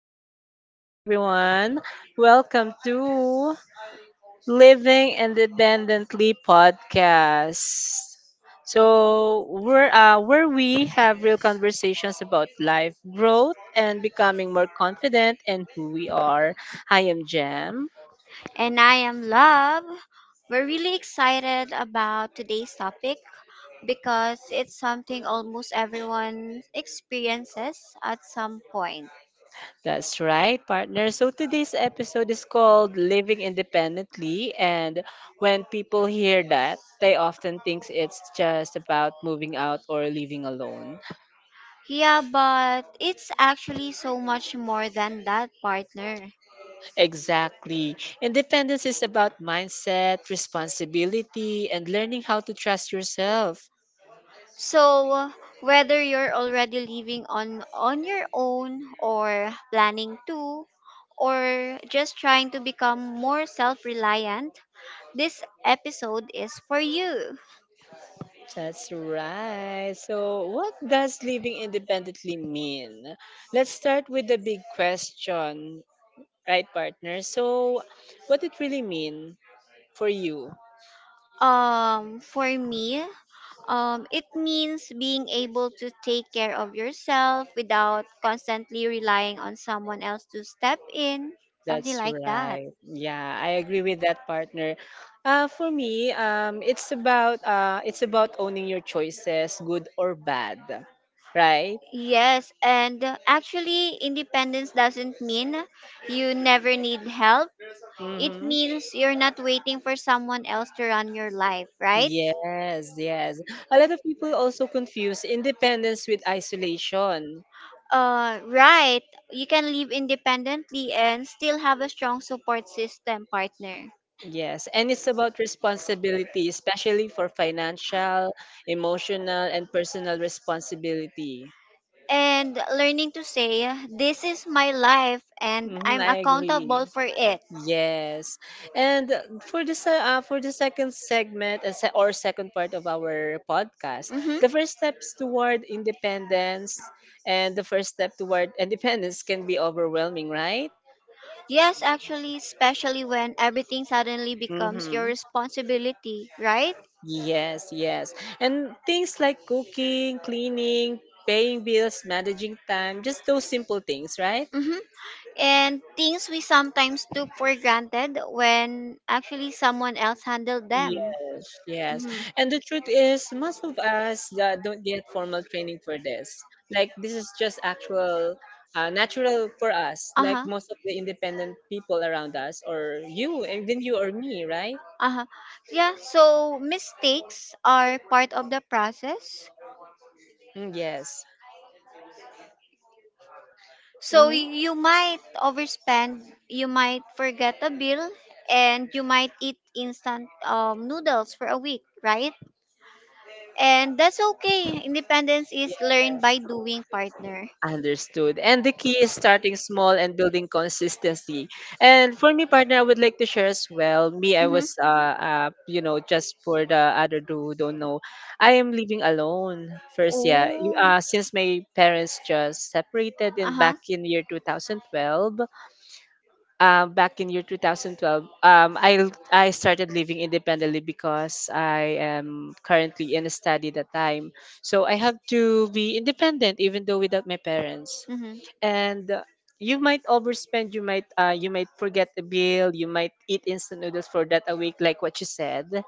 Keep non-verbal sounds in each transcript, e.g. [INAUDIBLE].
intro, everyone. Welcome to Living Independently podcast. Where we have real conversations about life, growth, and becoming more confident in who we are. I am Jem. And I am Love. We're really excited about today's topic because it's something almost everyone experiences at some point. That's right, partner. So today's episode is called Living Independently. And when people hear that, they often think it's just about moving out or living alone. Yeah, but it's actually so much more than that, partner. Exactly. Independence is about mindset, responsibility, and learning how to trust yourself. So, whether you're already living on your own or planning to, or just trying to become more self-reliant, this episode is for you. That's right. So what does living independently mean? Let's start with the big question, right, partner? So what it really mean for you? For me, it means being able to take care of yourself without constantly relying on someone else to step in, something That's like that. right. Yeah, I agree with that, partner. For me, it's about owning your choices, good or bad, right? Yes, and actually, independence doesn't mean you never need help. It Mm-hmm. means you're not waiting for someone else to run your life, right? Yes, yes. A lot of people also confuse independence with isolation. Right. You can live independently and still have a strong support system, partner. Yes, and it's about responsibility, especially for financial, emotional, and personal responsibility. And learning to say, "This is my life and Mm-hmm, I'm I agree. accountable for it." Yes, and for the for the second segment, or second part of our podcast, the Hmm. first steps toward independence, and the first step toward [LAUGHS] independence can be overwhelming, right? Yes, actually, especially when everything suddenly becomes your Mm-hmm. responsibility, right? Yes, yes, and things like cooking, cleaning, paying bills, managing time, just those simple things, right? Hmm. And things we sometimes took for granted when actually someone else handled them. Yes, yes. Hmm. And the truth is, most of us don't get formal training for this. Like, this is just actual, natural for us, Uh like huh. most of the independent people around us, or you, even you or me, right? Uh huh. Yeah. So mistakes are part of the process. Mm, yes. So Mm-hmm. you might overspend, you might forget a bill, and you might eat instant noodles for a week, right? And that's okay. Independence is learned by doing, partner. Understood. And the key is starting small and building consistency. And for me, partner, I would like to share as well. Me, I Mm-hmm. was, you know, just for the other two who don't know, I am living alone. First, Oh. Since my parents just separated Uh in huh. back in year 2012. Back in year 2012, I started living independently because I am currently in a study that time. So I have to be independent even though without my parents, and you might overspend, you might forget the bill, you might eat instant noodles for that a week like what you said.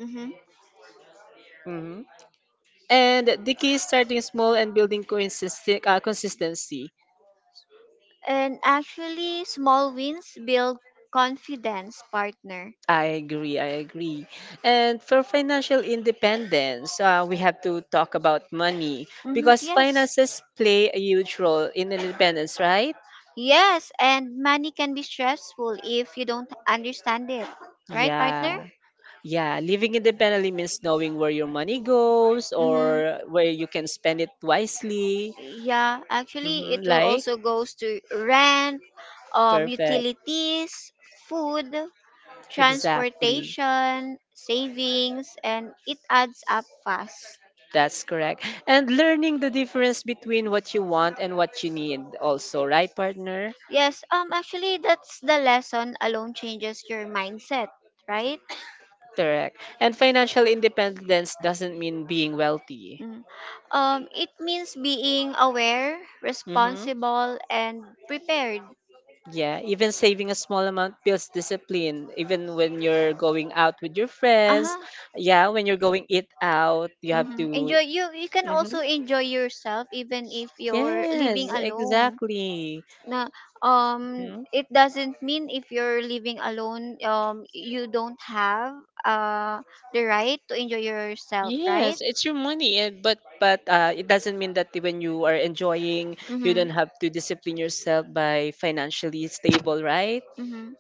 Mm-hmm. hmm and the key is starting small and building consistent consistency. And actually, small wins build confidence, partner. I agree, I agree. And for financial independence, we have to talk about money Hmm. because finances Yes. play a huge role in independence, right? Yes, and money can be stressful if you don't understand it. Right, Yeah. partner? Yeah, living independently means knowing where your money goes Mm-hmm. or where you can spend it wisely. Yeah, actually, it will Like, also goes to rent, perfect. utilities, food, Exactly. transportation, savings, and it adds up fast. That's correct. And learning the difference between what you want and what you need, also, right, partner? Yes, actually, that's the lesson alone changes your mindset, right? Correct. And financial independence doesn't mean being wealthy. Mm. It means being aware, hmm responsible, and prepared. Yeah, even saving a small amount builds discipline. Even when you're going out with your friends, Uh-huh. yeah, when you're going eat out, you have Mm-hmm. to. Enjoy you you can hmm also enjoy yourself even if you're living Yes, alone. exactly. Na Mhm. it doesn't mean if you're living alone you don't have uh the right to enjoy yourself, Yes, right? it's your money, and but it doesn't mean that when you are enjoying, you Mm-hmm. don't have to discipline yourself by financially stable, right? Mm-hmm.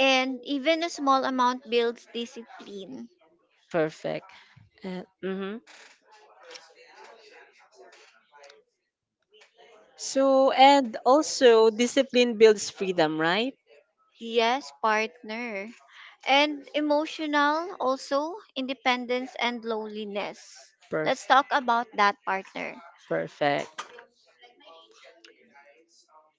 And even a small amount builds discipline. Perfect. Mhm. So, and also discipline builds freedom, right? Yes, partner. And emotional, also, independence and loneliness. Let's Perfect. talk about that, partner. Perfect.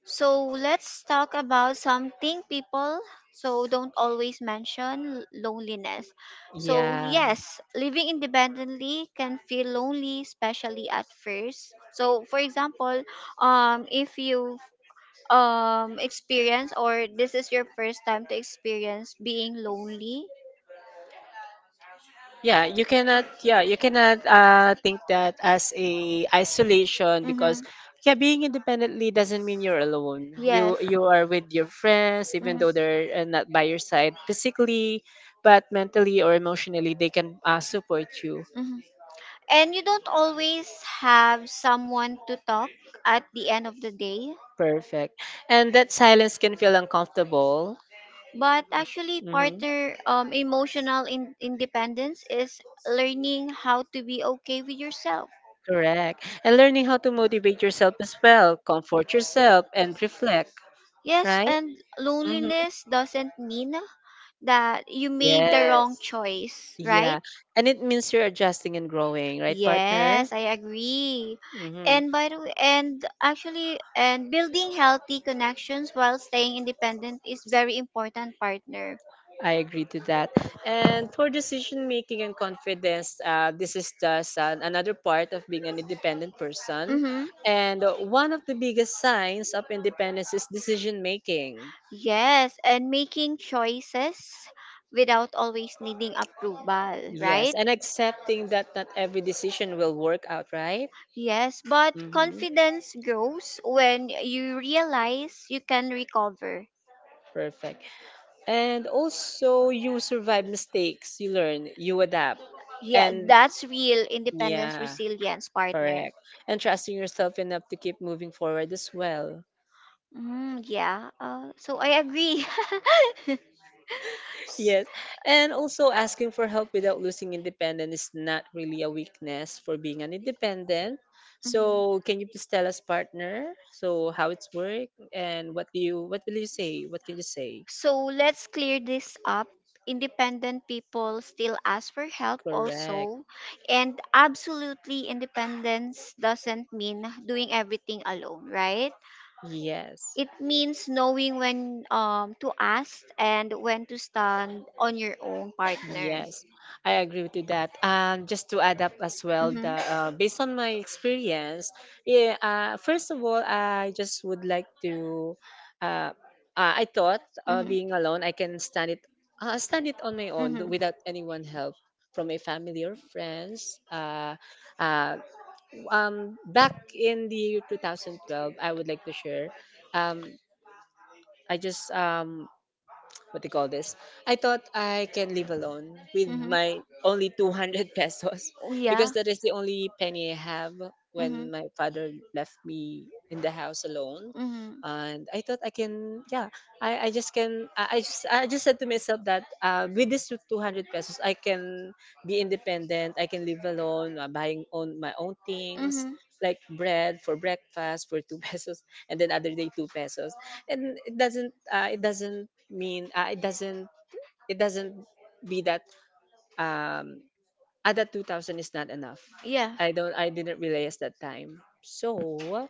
So, let's talk about something people so don't always mention loneliness. So, Yeah. yes, living independently can feel lonely, especially at first. So, for example, if you experience, or this is your first time to experience being lonely. Yeah, you cannot, yeah, you cannot think that as a isolation because Mm-hmm. yeah, being independently doesn't mean you're alone. Yes. You are with your friends even Mm-hmm. though they're not by your side physically, but mentally or emotionally they can support you. Mm-hmm. And you don't always have someone to talk at the end of the day. Perfect. And that silence can feel uncomfortable. But actually, Mhm. partner, emotional independence is learning how to be okay with yourself. Correct. And learning how to motivate yourself as well, comfort yourself, and reflect, Yes, right? and hmm loneliness doesn't mean that you made the wrong Yes. choice, right? Yeah. And it means you're adjusting and growing, right, partner? Yes, I agree. Mm-hmm. And, by the way, and actually, and building healthy connections while staying independent is very important, partner. I agree to that. And for decision making and confidence, this is just another part of being an independent person. Mm-hmm. And one of the biggest signs of independence is decision making. Yes, and making choices without always needing approval, right? Yes. And accepting that not every decision will work out, right? Yes, but hmm confidence grows when you realize you can recover. Perfect. And also, you survive mistakes, you learn, you adapt. Yeah, And that's real independence yeah, resilience, partner. correct. And trusting yourself enough to keep moving forward as well. Mm, yeah, so I agree. Yes. [LAUGHS] And also, asking for help without losing independence is not really a weakness for being an independent. Mhm. So can you please tell us, partner? So how it's work, and what will you say? What can you say? So let's clear this up. Independent people still ask for help Correct. also. And absolutely, independence doesn't mean doing everything alone, right? Yes. It means knowing when to ask and when to stand on your own, partner. Yes, I agree with you that. And just to add up as well, Mhm. Based on my experience, yeah. First of all, I just would like to. Uh, I thought Mhm. being alone, I can stand it. Stand it on my own Mhm. without anyone help from my family or friends. Uh, Back in the year 2012, I would like to share. Um, I just What do you call this? I thought I can live alone with Mhm. my only 200 pesos Oh, [LAUGHS] because yeah. that is the only penny I have Mhm. when my father left me in the house alone, Mhm. and I thought I can, yeah, I just can I just said to myself that with this 200 pesos I can be independent, I can live alone, buying own my own things Mhm. like bread for breakfast for 2 [LAUGHS] pesos, and then other day 2 pesos. And it doesn't, it doesn't mean it doesn't be that um that 2000 is not enough. Yeah. I didn't realize that time. So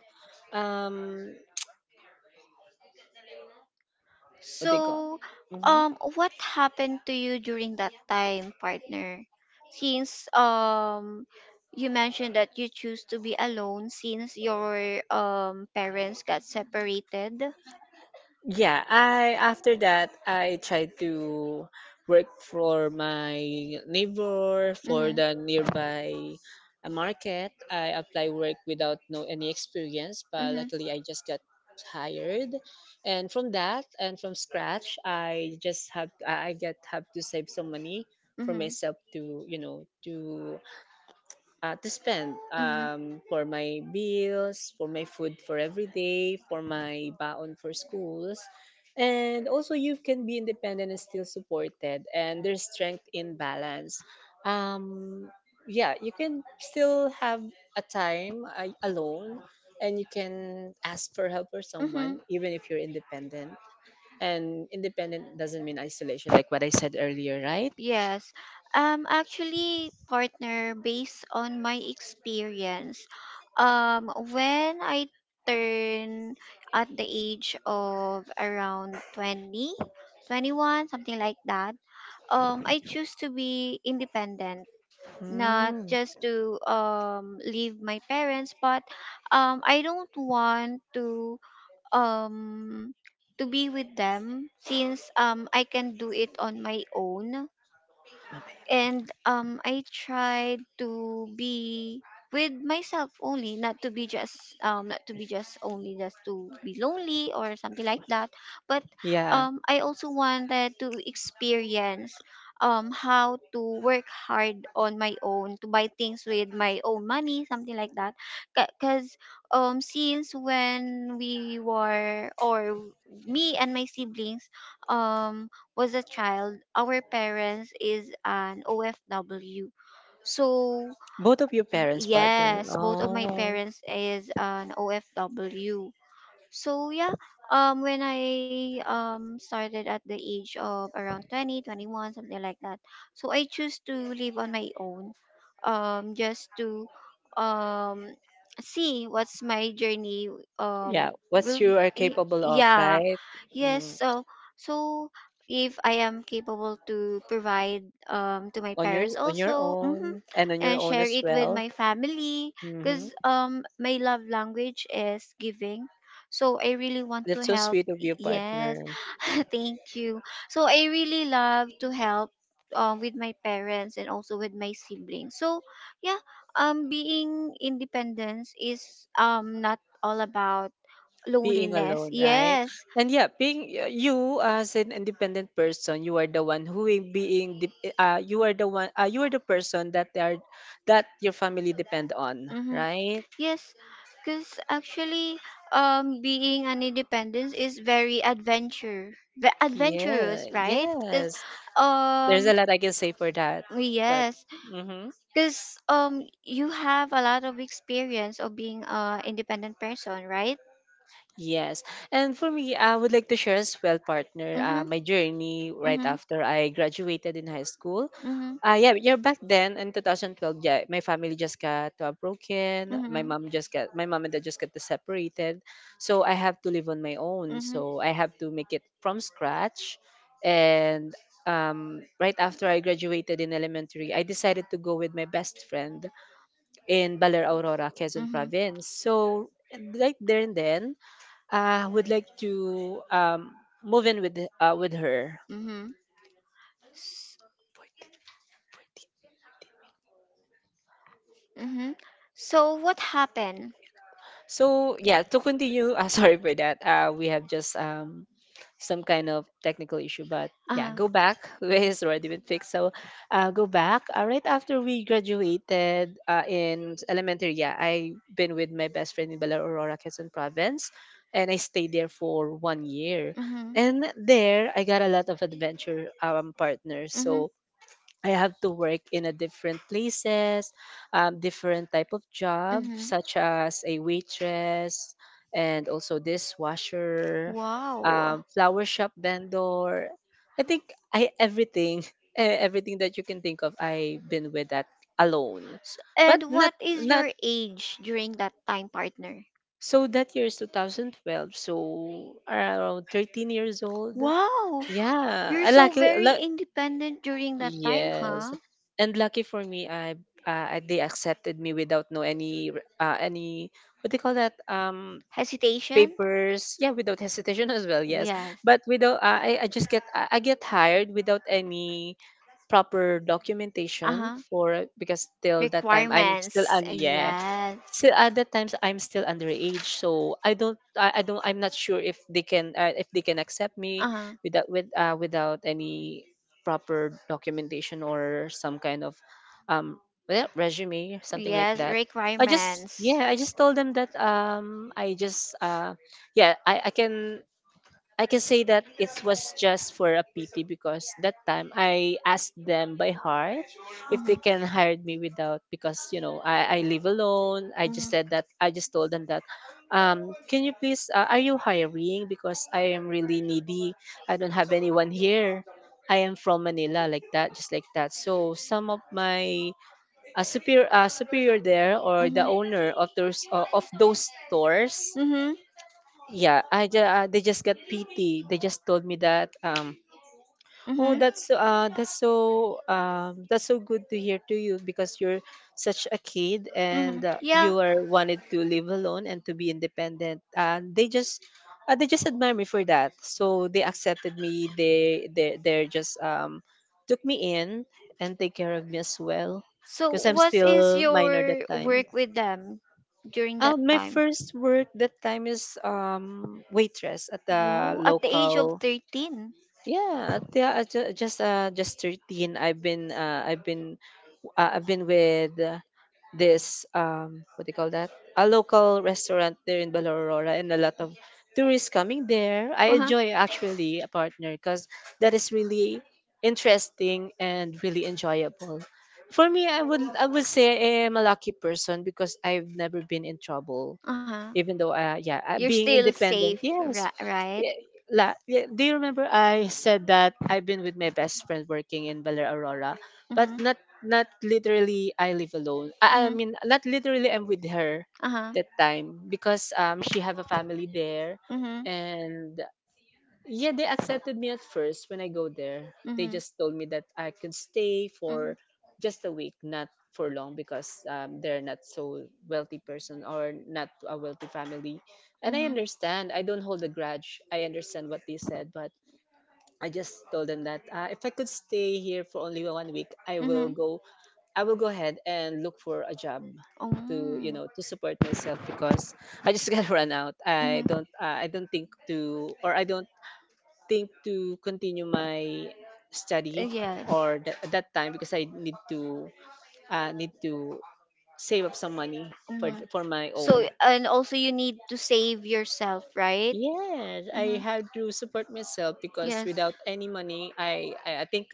um what they call So, Mhm. What happened to you during that time, partner? Since you mentioned that you choose to be alone since your parents got separated. Yeah, I after that I tried to work for my neighbor for Mm-hmm. the nearby market. I apply work without no any experience, but Mm-hmm. luckily I just got hired. And from that and from scratch, I just have I get have to save some money for Mm-hmm. myself to, you know, to spend Mm-hmm. For my bills, for my food for every day, for my baon for schools. And also, you can be independent and still supported, and there's strength in balance. Um, yeah, you can still have a time alone, and you can ask for help for Mm-hmm. someone, even if you're independent. And independent doesn't mean isolation, like what I said earlier, right? Yes. Actually, partner, based on my experience, when I turn at the age of around 20, 21, something like that. I choose to be independent, not Mm. just to leave my parents, but I don't want to, um to be with them, since I can do it on my own. And I tried to be with myself only, not to be just, not to be just only, just to be lonely or something like that. But Yeah. I also wanted to experience how to work hard on my own, to buy things with my own money, something like that. Because since when we were, or me and my siblings um was a child, our parents is an OFW. So Both of your parents, partner. yes, both of my Oh. parents is an OFW. So yeah, when I started at the age of around 20, 21, something like that. So I choose to live on my own, just to, um see what's my journey Yeah. What will be, you are capable of, yeah. right? Yes, Mm. so if I am capable to provide, to my On your, parents on your also, own and on your and own share as it with well. my family, Mm-hmm. because my love language is giving, so I really want to That's so help. sweet of you, Yes. partner. [LAUGHS] Thank you. So I really love to help with my parents and also with my siblings. So yeah, being independence is not all about Being loneliness. alone, right? Yes. And yeah, being you as an independent person, you are the one who is being you are the one, you are the person that they are, that your family depend on, Mhm. right? Yes, because actually, being an independence is very Yeah, adventurous, right? Because, yes. There's a um, lot I can say for that, but. yes, Mm-hmm. because you have a lot of experience of being a independent person, right? Yes. And for me, I would like to share as well, partner, Mm-hmm. My journey right Mm-hmm. after I graduated in high school. Mm-hmm. Yeah, yeah, back then in 2012, yeah, my family just got broken. Mm-hmm. Mm-hmm. My mom and dad just got separated. So I have to live on my own. Mm-hmm. So I have to make it from scratch. And right after I graduated in elementary, I decided to go with my best friend in Baler Aurora, Quezon Province. So right there and then, I would like to move in with her. Mm-hmm. Mm-hmm. So what happened? So yeah, to continue, [LAUGHS] sorry for that. We have just some kind of technical issue, but yeah, Uh-huh. go back. [LAUGHS] It's already been fixed. So go back. Right after we graduated in elementary, yeah, I been with my best friend in Bella Aurora, Quezon Province, and I stayed there for 1 year. Mm-hmm. And there, I got a lot of adventure, partners. Mm-hmm. So I have to work in a different places, different type of job, Mm-hmm. such as a waitress and also dishwasher, Wow. Flower shop vendor. I think I everything, [LAUGHS] eh, everything that you can think of, I've been with that alone, S but and what is not your age during that time, partner? so that year is 2012, so around 13 years old. Wow, you're Yeah, so lucky. very independent during that time, Yes. huh? And lucky for me, I they accepted me without no any any, what do you call that, Hesitation? papers. Yeah, without hesitation [LAUGHS] as well. Yes, Yes. but without I get hired without any proper Uh documentation huh. for because till that time I'm still Requirements. un yeah Yes. still at that times I'm still underage, so I don't, I don't, I'm not sure if they can accept me Uh huh. Without any proper documentation or some kind of, um, well, resume, something like Yes, that. I just, requirements. yeah, I just told them that, yeah, I can say that it was just for a pity because that time I asked them by heart if they Mhm. can hire me without, because you know, I live alone. Mhm. I just told them that, can you please, are you hiring because I am really needy. I don't have anyone here. I am from Manila, like that, just like that. So some of my superior there or the Mhm. owner of those stores, Mhm. Mhm. yeah, they just got pity. They just told me that oh um that's that's so good to hear to you because you're such a kid and Mhm. Yeah. you are wanted to live alone and to be independent. And they just admire me for that. So they accepted me. They're just took me in and take care of me as well So because I'm what is still minor that your time. work with them during that My time? first work that time is waitress at the Whoa, at the age of local. 13. Yeah, at the, ju- just 13. I've been with this what do you call that, a local restaurant there in Balaurora, and a lot of tourists coming there. I Uh-huh. enjoy actually, a partner, because that is really interesting and really enjoyable. For me, I would say I am a lucky person because I've never been in trouble, Uh-huh. even though You're being still safe, independent, yes. right? Yeah, La, yeah, do you remember I said that I've been with my best friend working in Balaurora? But Mm-hmm. Not literally I live alone. I Mm-hmm. mean not literally I'm with her Uh-huh. that time because she have a family there, Mm-hmm. Mm-hmm. and yeah, they accepted me at first when I go there. They Mm-hmm. just told me that I could stay for just a week, not for long because they're not so wealthy person or not a wealthy family. And I understand. I don't hold a grudge. I understand what they Mm-hmm. said, but I just told them that if I could stay here for only one week, Mm-hmm. I will go ahead and look for a job to, you Oh. know, to support myself because I just [LAUGHS] got run out. Mm-hmm. I don't think to, or I don't think to continue my study Yes. or at that time because I need to need to save up some money Mhm. for my So, own. and also you need to save yourself, right? Yes, I Hmm. have to support myself because Yes. without any money,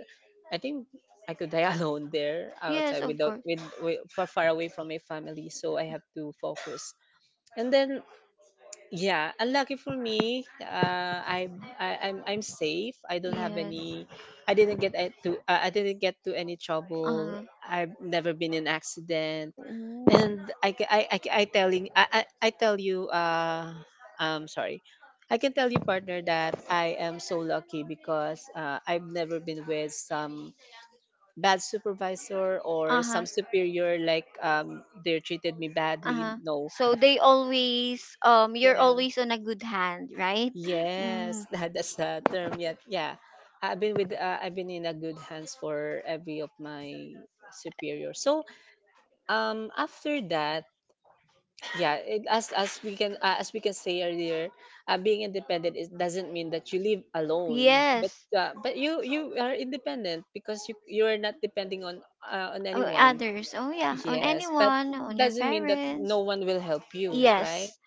I think I could die [LAUGHS] alone there Yes, outside of without course. with, with far far away from my family. So I have to focus. And then yeah, unlucky for me, I, I'm safe. I don't have Yes. any. I didn't get to any trouble. Uh-huh. I've never been in accident, Ooh. and I, ca- I telling I tell you, I'm sorry I can tell you, partner, that I am so lucky because I've never been with some bad supervisor or Uh-huh. some superior like they treated me badly, Uh-huh. no. So they always you're Yeah, always on a good hand, right? yes, Mm. [LAUGHS] that, that's the term yet, yeah. I've been with I've been in a good hands for every of my superior. So after that, yeah, as we can say earlier, being independent is, doesn't mean that you live alone, Yes. But you are independent because you are not depending on Oh, anyone. others. Oh yeah, on Yes, but anyone, on your doesn't mean that parents. no one will help you, right? Yes,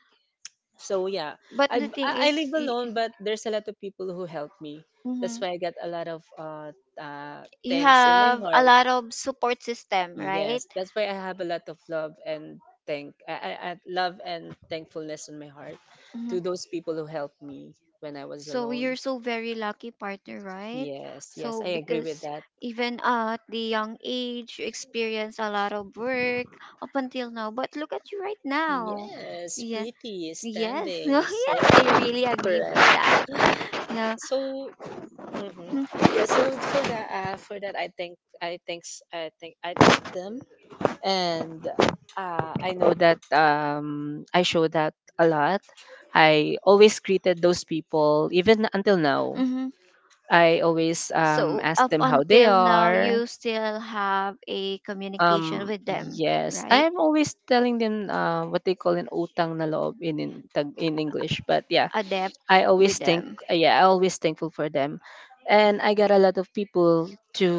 So yeah, but the thing I is, live alone, but there's a lot of people who help me. That's mhm. why I got a lot of uh, You thanks in my have a heart. lot of support system, right? Yes, that's why I have a lot of love and thank, I love and thankfulness in my heart Hmm. to those people who helped me when I was So alone. you're so very lucky, partner, right? Yes, yes, So I agree because with that. even at the young age, you experience a lot of work up until now. But look at you right now. Yes, Yeah. pretty, Yes. [LAUGHS] standing, Yes, I serving, really agree with correct. that. Yeah. So, mhm. Mm-hmm. Yeah, so for that, I think I thank them. And I know that I show that a lot. I always greeted those people, even until now. Mm-hmm. I always So ask up them how they until now, are. you still have a communication with them, Yes, I right? am always telling them what they call an utang na loob in, Tag- in English. But yeah, Adapt I with always think, them. yeah, I always thankful for them, and I got a lot of people to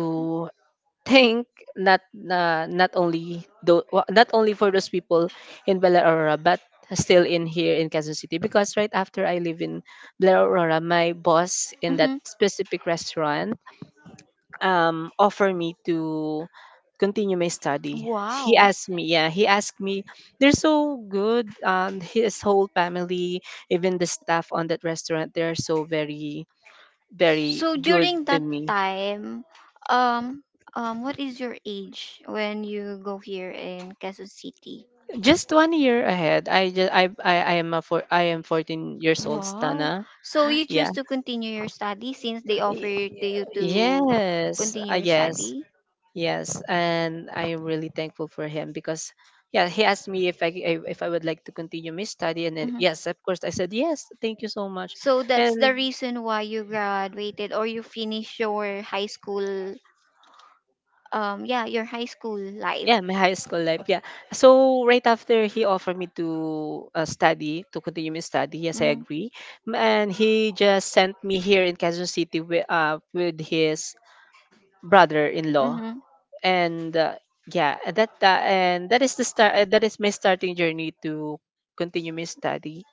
think, not not only for those people in Bella Aurora, but still in here in Quezon City. Because right after I live in Bella Aurora, my boss in that Hmm. specific restaurant offer me to continue my study. Wow. He asked me, they're so good. His whole family, even the staff on that restaurant, they're so very, very So good during to that me. time, um, what is your age when you go here in Quezon City? Just one year ahead. I am 14 years old, Wow. Stana. So you Yeah. choose to continue your study since they offer Y- to you to Yes. continue your Yes. study. Yes. And I am really thankful for him because yeah, he asked me if if I would like to continue my study, and then Hmm. yes, of course, I said yes. Thank you so much. So that's the And reason why you graduated, or you finished your high school. Yeah, your high school life. yeah, my high school life. Yeah. So right after he offered me to to continue my study, yes, I Mm-hmm. agree. And he just sent me here in Quezon City with his brother-in-law. Mm-hmm. And yeah, and that is the start. That is my starting journey to continue my study.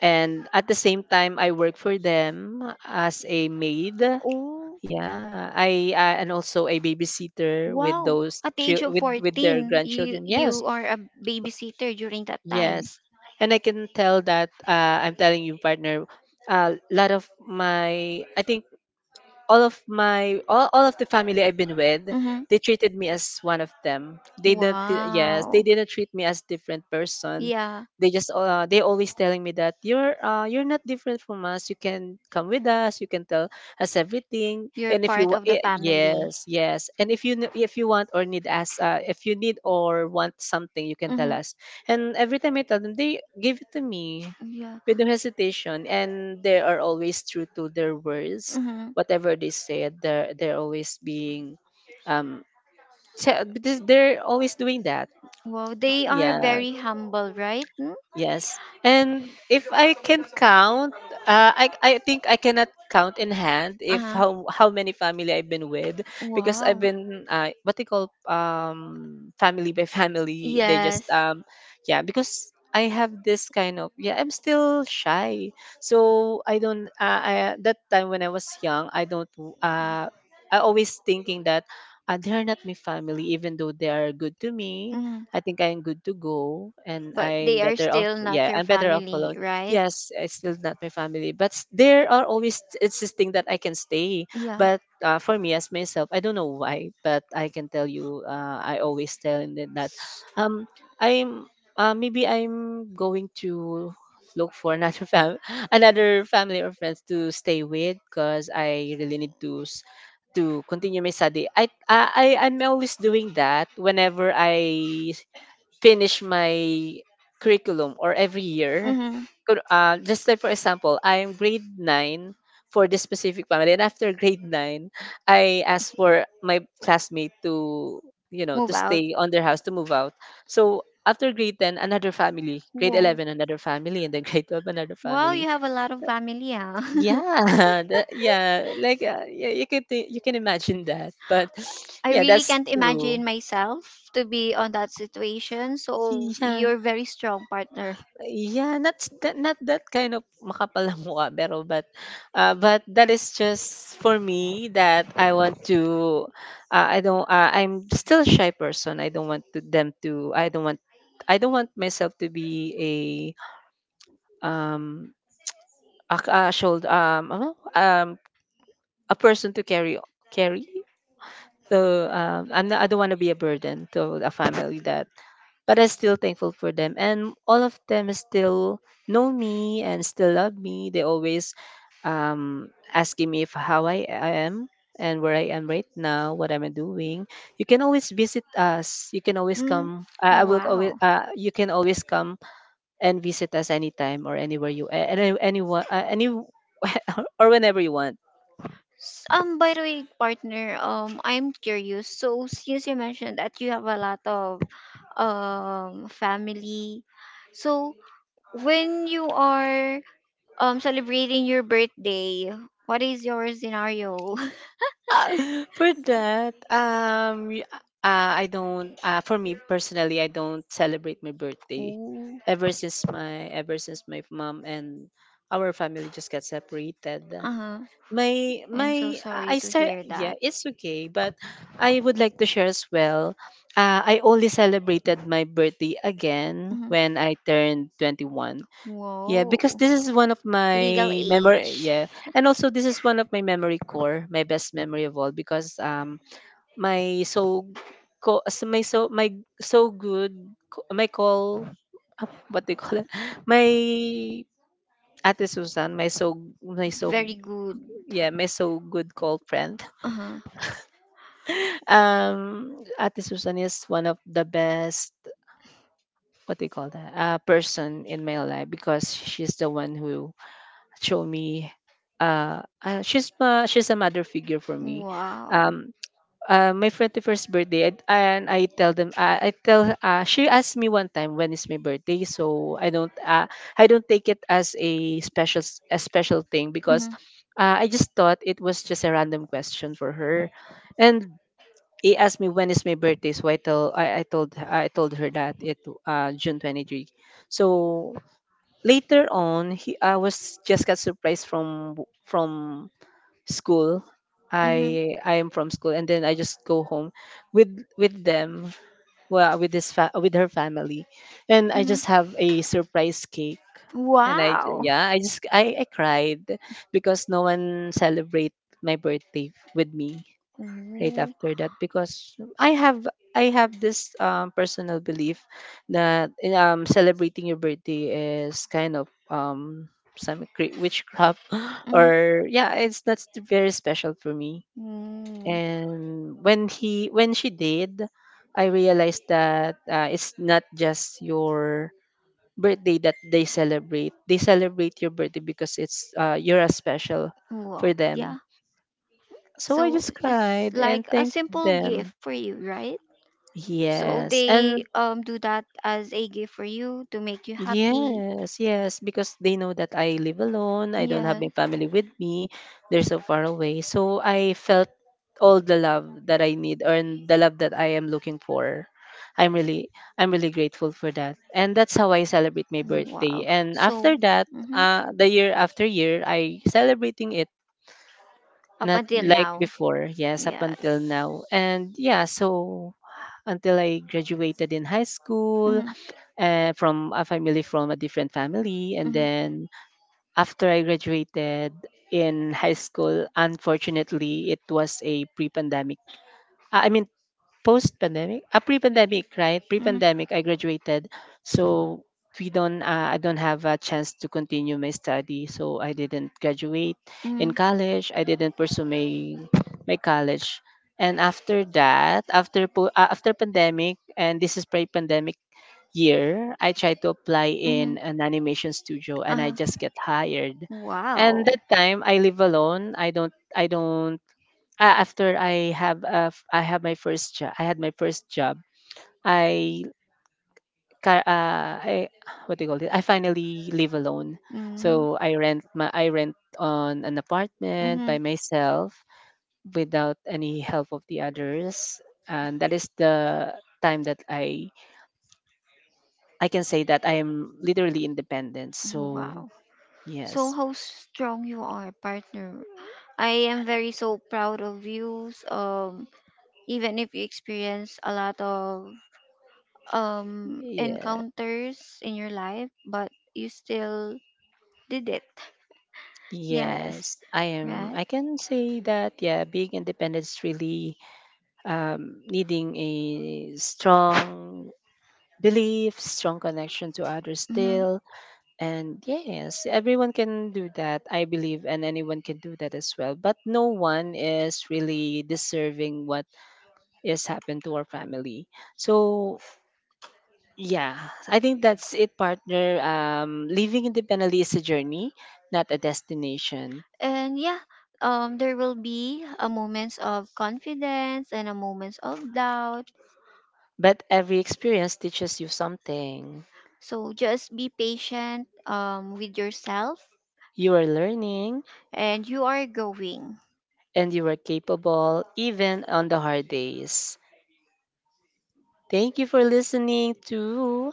And at the same time, I work for them as a maid. Oh, Yeah, I and also a babysitter with wow. At the age of with their 14, you grandchildren. Yes, you are a babysitter during that time. yes. And I can tell that I'm telling you, partner, a lot of my, I think all of my, all of the family I've been with, Mm-hmm. they treated me as one of them. They Wow. didn't treat me as different person. Yeah, They just they always telling me that you're not different from us. You can come with us. You can tell us everything. you're And if you part wa- of the eh, family. yes yes, and if if you want or need us, if you need or want something, you can Mm-hmm. tell us. And every time I tell them, they give it to me Yeah. with no hesitation, and they are always true to their words, Mm-hmm. whatever they said. They're always being um because they're always doing that, Wow, they are yeah. very humble, right? Mm? Yes. And if I can count, I think I cannot count in hand if Uh-huh. How many family I've been with because I've Wow. been what they call family by [LAUGHS] family. They Yes. just Yes. Yeah, because I have this kind of, yeah, I'm still shy, so I don't I that time when I was young, I don't uh I always thinking that they're not my family, even though they are good to me. Mhm. I think I'm good to go and But I'm they are better off, still not yeah, your I'm better off family, alone. right? Yes, it's still not my family, but there are always insisting that I can stay. Yeah. But for me, as myself, I don't know why, but I can tell you, I always tell them that um I'm maybe I'm going to look for another fam- [LAUGHS] another family or friends to stay with because I really need to to continue my study. I'm always doing that whenever I finish my curriculum, or every year. Mm-hmm. Just like, for example, I'm grade 9 for this specific family. And after grade 9, I asked for my classmate to, you know, to Move out. stay on their house, to move out. So after grade 10, another family. Grade Whoa. 11, another family. And then [LAUGHS] grade 12, another Well, you family. have a lot of family, huh? [LAUGHS] Yeah. [LAUGHS] That- yeah. Like, you can imagine that. But [SIGHS] I yeah, really that's can't true. imagine myself to be on that situation. So Yeah. you're very strong, partner. Yeah, not s- that not that kind of makapal na mukha pero, but that is just for me that I want to, I don't I'm still a shy person. I don't want to, them to I don't want myself to be a, um a shoulder, ano? A person to carry, carry. So I'm not, I don't want to be a burden to a family, that but I'm still thankful for them. And all of them still know me and still love me. They always asking me if how I am and where I am right now, what I'm doing. You can always visit us. You can always Mm. come. I will always. Wow. You can always come and visit us anytime or anywhere you, any anyone any [LAUGHS] or whenever you want. By the way, partner, I'm curious. So since you mentioned that you have a lot of family. So when you are celebrating your birthday, what is your scenario? [LAUGHS] [LAUGHS] For that, I don't. For me personally, I don't celebrate my birthday. Ooh, Ever since my mom and our family just got separated, uh-huh. my I'm so my sorry I to start. hear Yeah, that. it's okay. But I would like to share as well. I only celebrated my birthday again Mhm. when I turned 21. Yeah, Whoa. because this is one of Legal my memory. age. Yeah, and also this is one of my memory core, my best memory of all, because my so co as my so my so good co- my call ah, what they call it [LAUGHS] my ate Susan my so my so Very good. yeah my so good call friend Uh-huh. [LAUGHS] Ate Susan is one of the best what they call that person in my life because she's the one who show me, she's, she's a mother figure for me. Wow. um my 21st birthday, and I tell them, I tell she asked me one time when is my birthday. So I don't, I don't take it as a special, a special thing because, I just thought it was just a random question for her. And he asked me when is my birthday, so I told her that it, june 23. So later on, he I was just got surprised from, from school. Mhm. Mhm. I am from school, and then I just go home with them, well, with with her family. And I Mhm. just have a surprise cake and Wow. yeah, I cried because no one celebrate my birthday with me. Right Ooh. after that, because I have this, personal belief that, celebrating your birthday is kind of, some, witchcraft [LAUGHS] Mhm. or yeah, it's, that's very special for me. Mm. And when she did, I realized that, it's not just your birthday that they celebrate your birthday because it's, you're a special for Wow. them. Yeah. So I So just just cried and like a thanked simple them. gift for you, right? So Yes. they And do that as a gift for you to make you happy. yes, yes, because they know that I live alone. I don't have Yeah. my family with me. They're so far away. So I felt all the love that I need or in the love that I am looking for. I'm really I'm really grateful for that. And that's how I celebrate my birthday. Wow. And So. after that, Mhm. The year after year I celebrating it, Up not until like now. before. Yes, up until Yes. now. And yeah, so until I graduated in high Hmm. school. Hmm. From a family, from a different family. And then after I graduated in high school, unfortunately, it was a pre pandemic. I mean, post pandemic, a pre pandemic, right? Pre Hmm. Hmm. pandemic, I graduated. So, we don't I don't have a chance to continue my study, so I didn't graduate in Hmm. college. I didn't pursue my college. And after that, after pandemic, and this is pre-pandemic year, I tried to apply in an animation studio, and I Uh-huh. just get hired. And Wow. that time I live alone. I don't. After I have I have my first job. I had my first job. I I, what do you call it? I finally live alone. So I rent on an apartment Mm-hmm. by myself without any help of the others. And that is the time that I can say that I am literally independent. Oh, So wow. So yes. how strong you are, partner. I am very so proud of you. Even if you experience a lot of Yeah. encounters in your life, but you still did it. Yes. Yes, I am. Right. I can say that, yeah, being independent is really, needing a strong belief, strong connection to others Mm-hmm. still. And yes, everyone can do that, I believe, and anyone can do that as well. But no one is really deserving what is happened to our family. So yeah, I think that's it, partner. Living independently is a journey, not a destination. And yeah, there will be a moments of confidence and a moments of doubt. But every experience teaches you something. So just be patient with yourself You are learning and you are going, and you are capable even on the hard days. Thank you for listening to.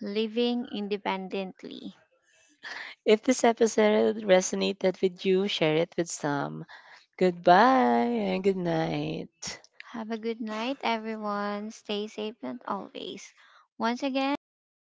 living independently. If this episode resonated with you, share it with some. Goodbye and good night. Have a good night, everyone. Stay safe and always. Once again, this is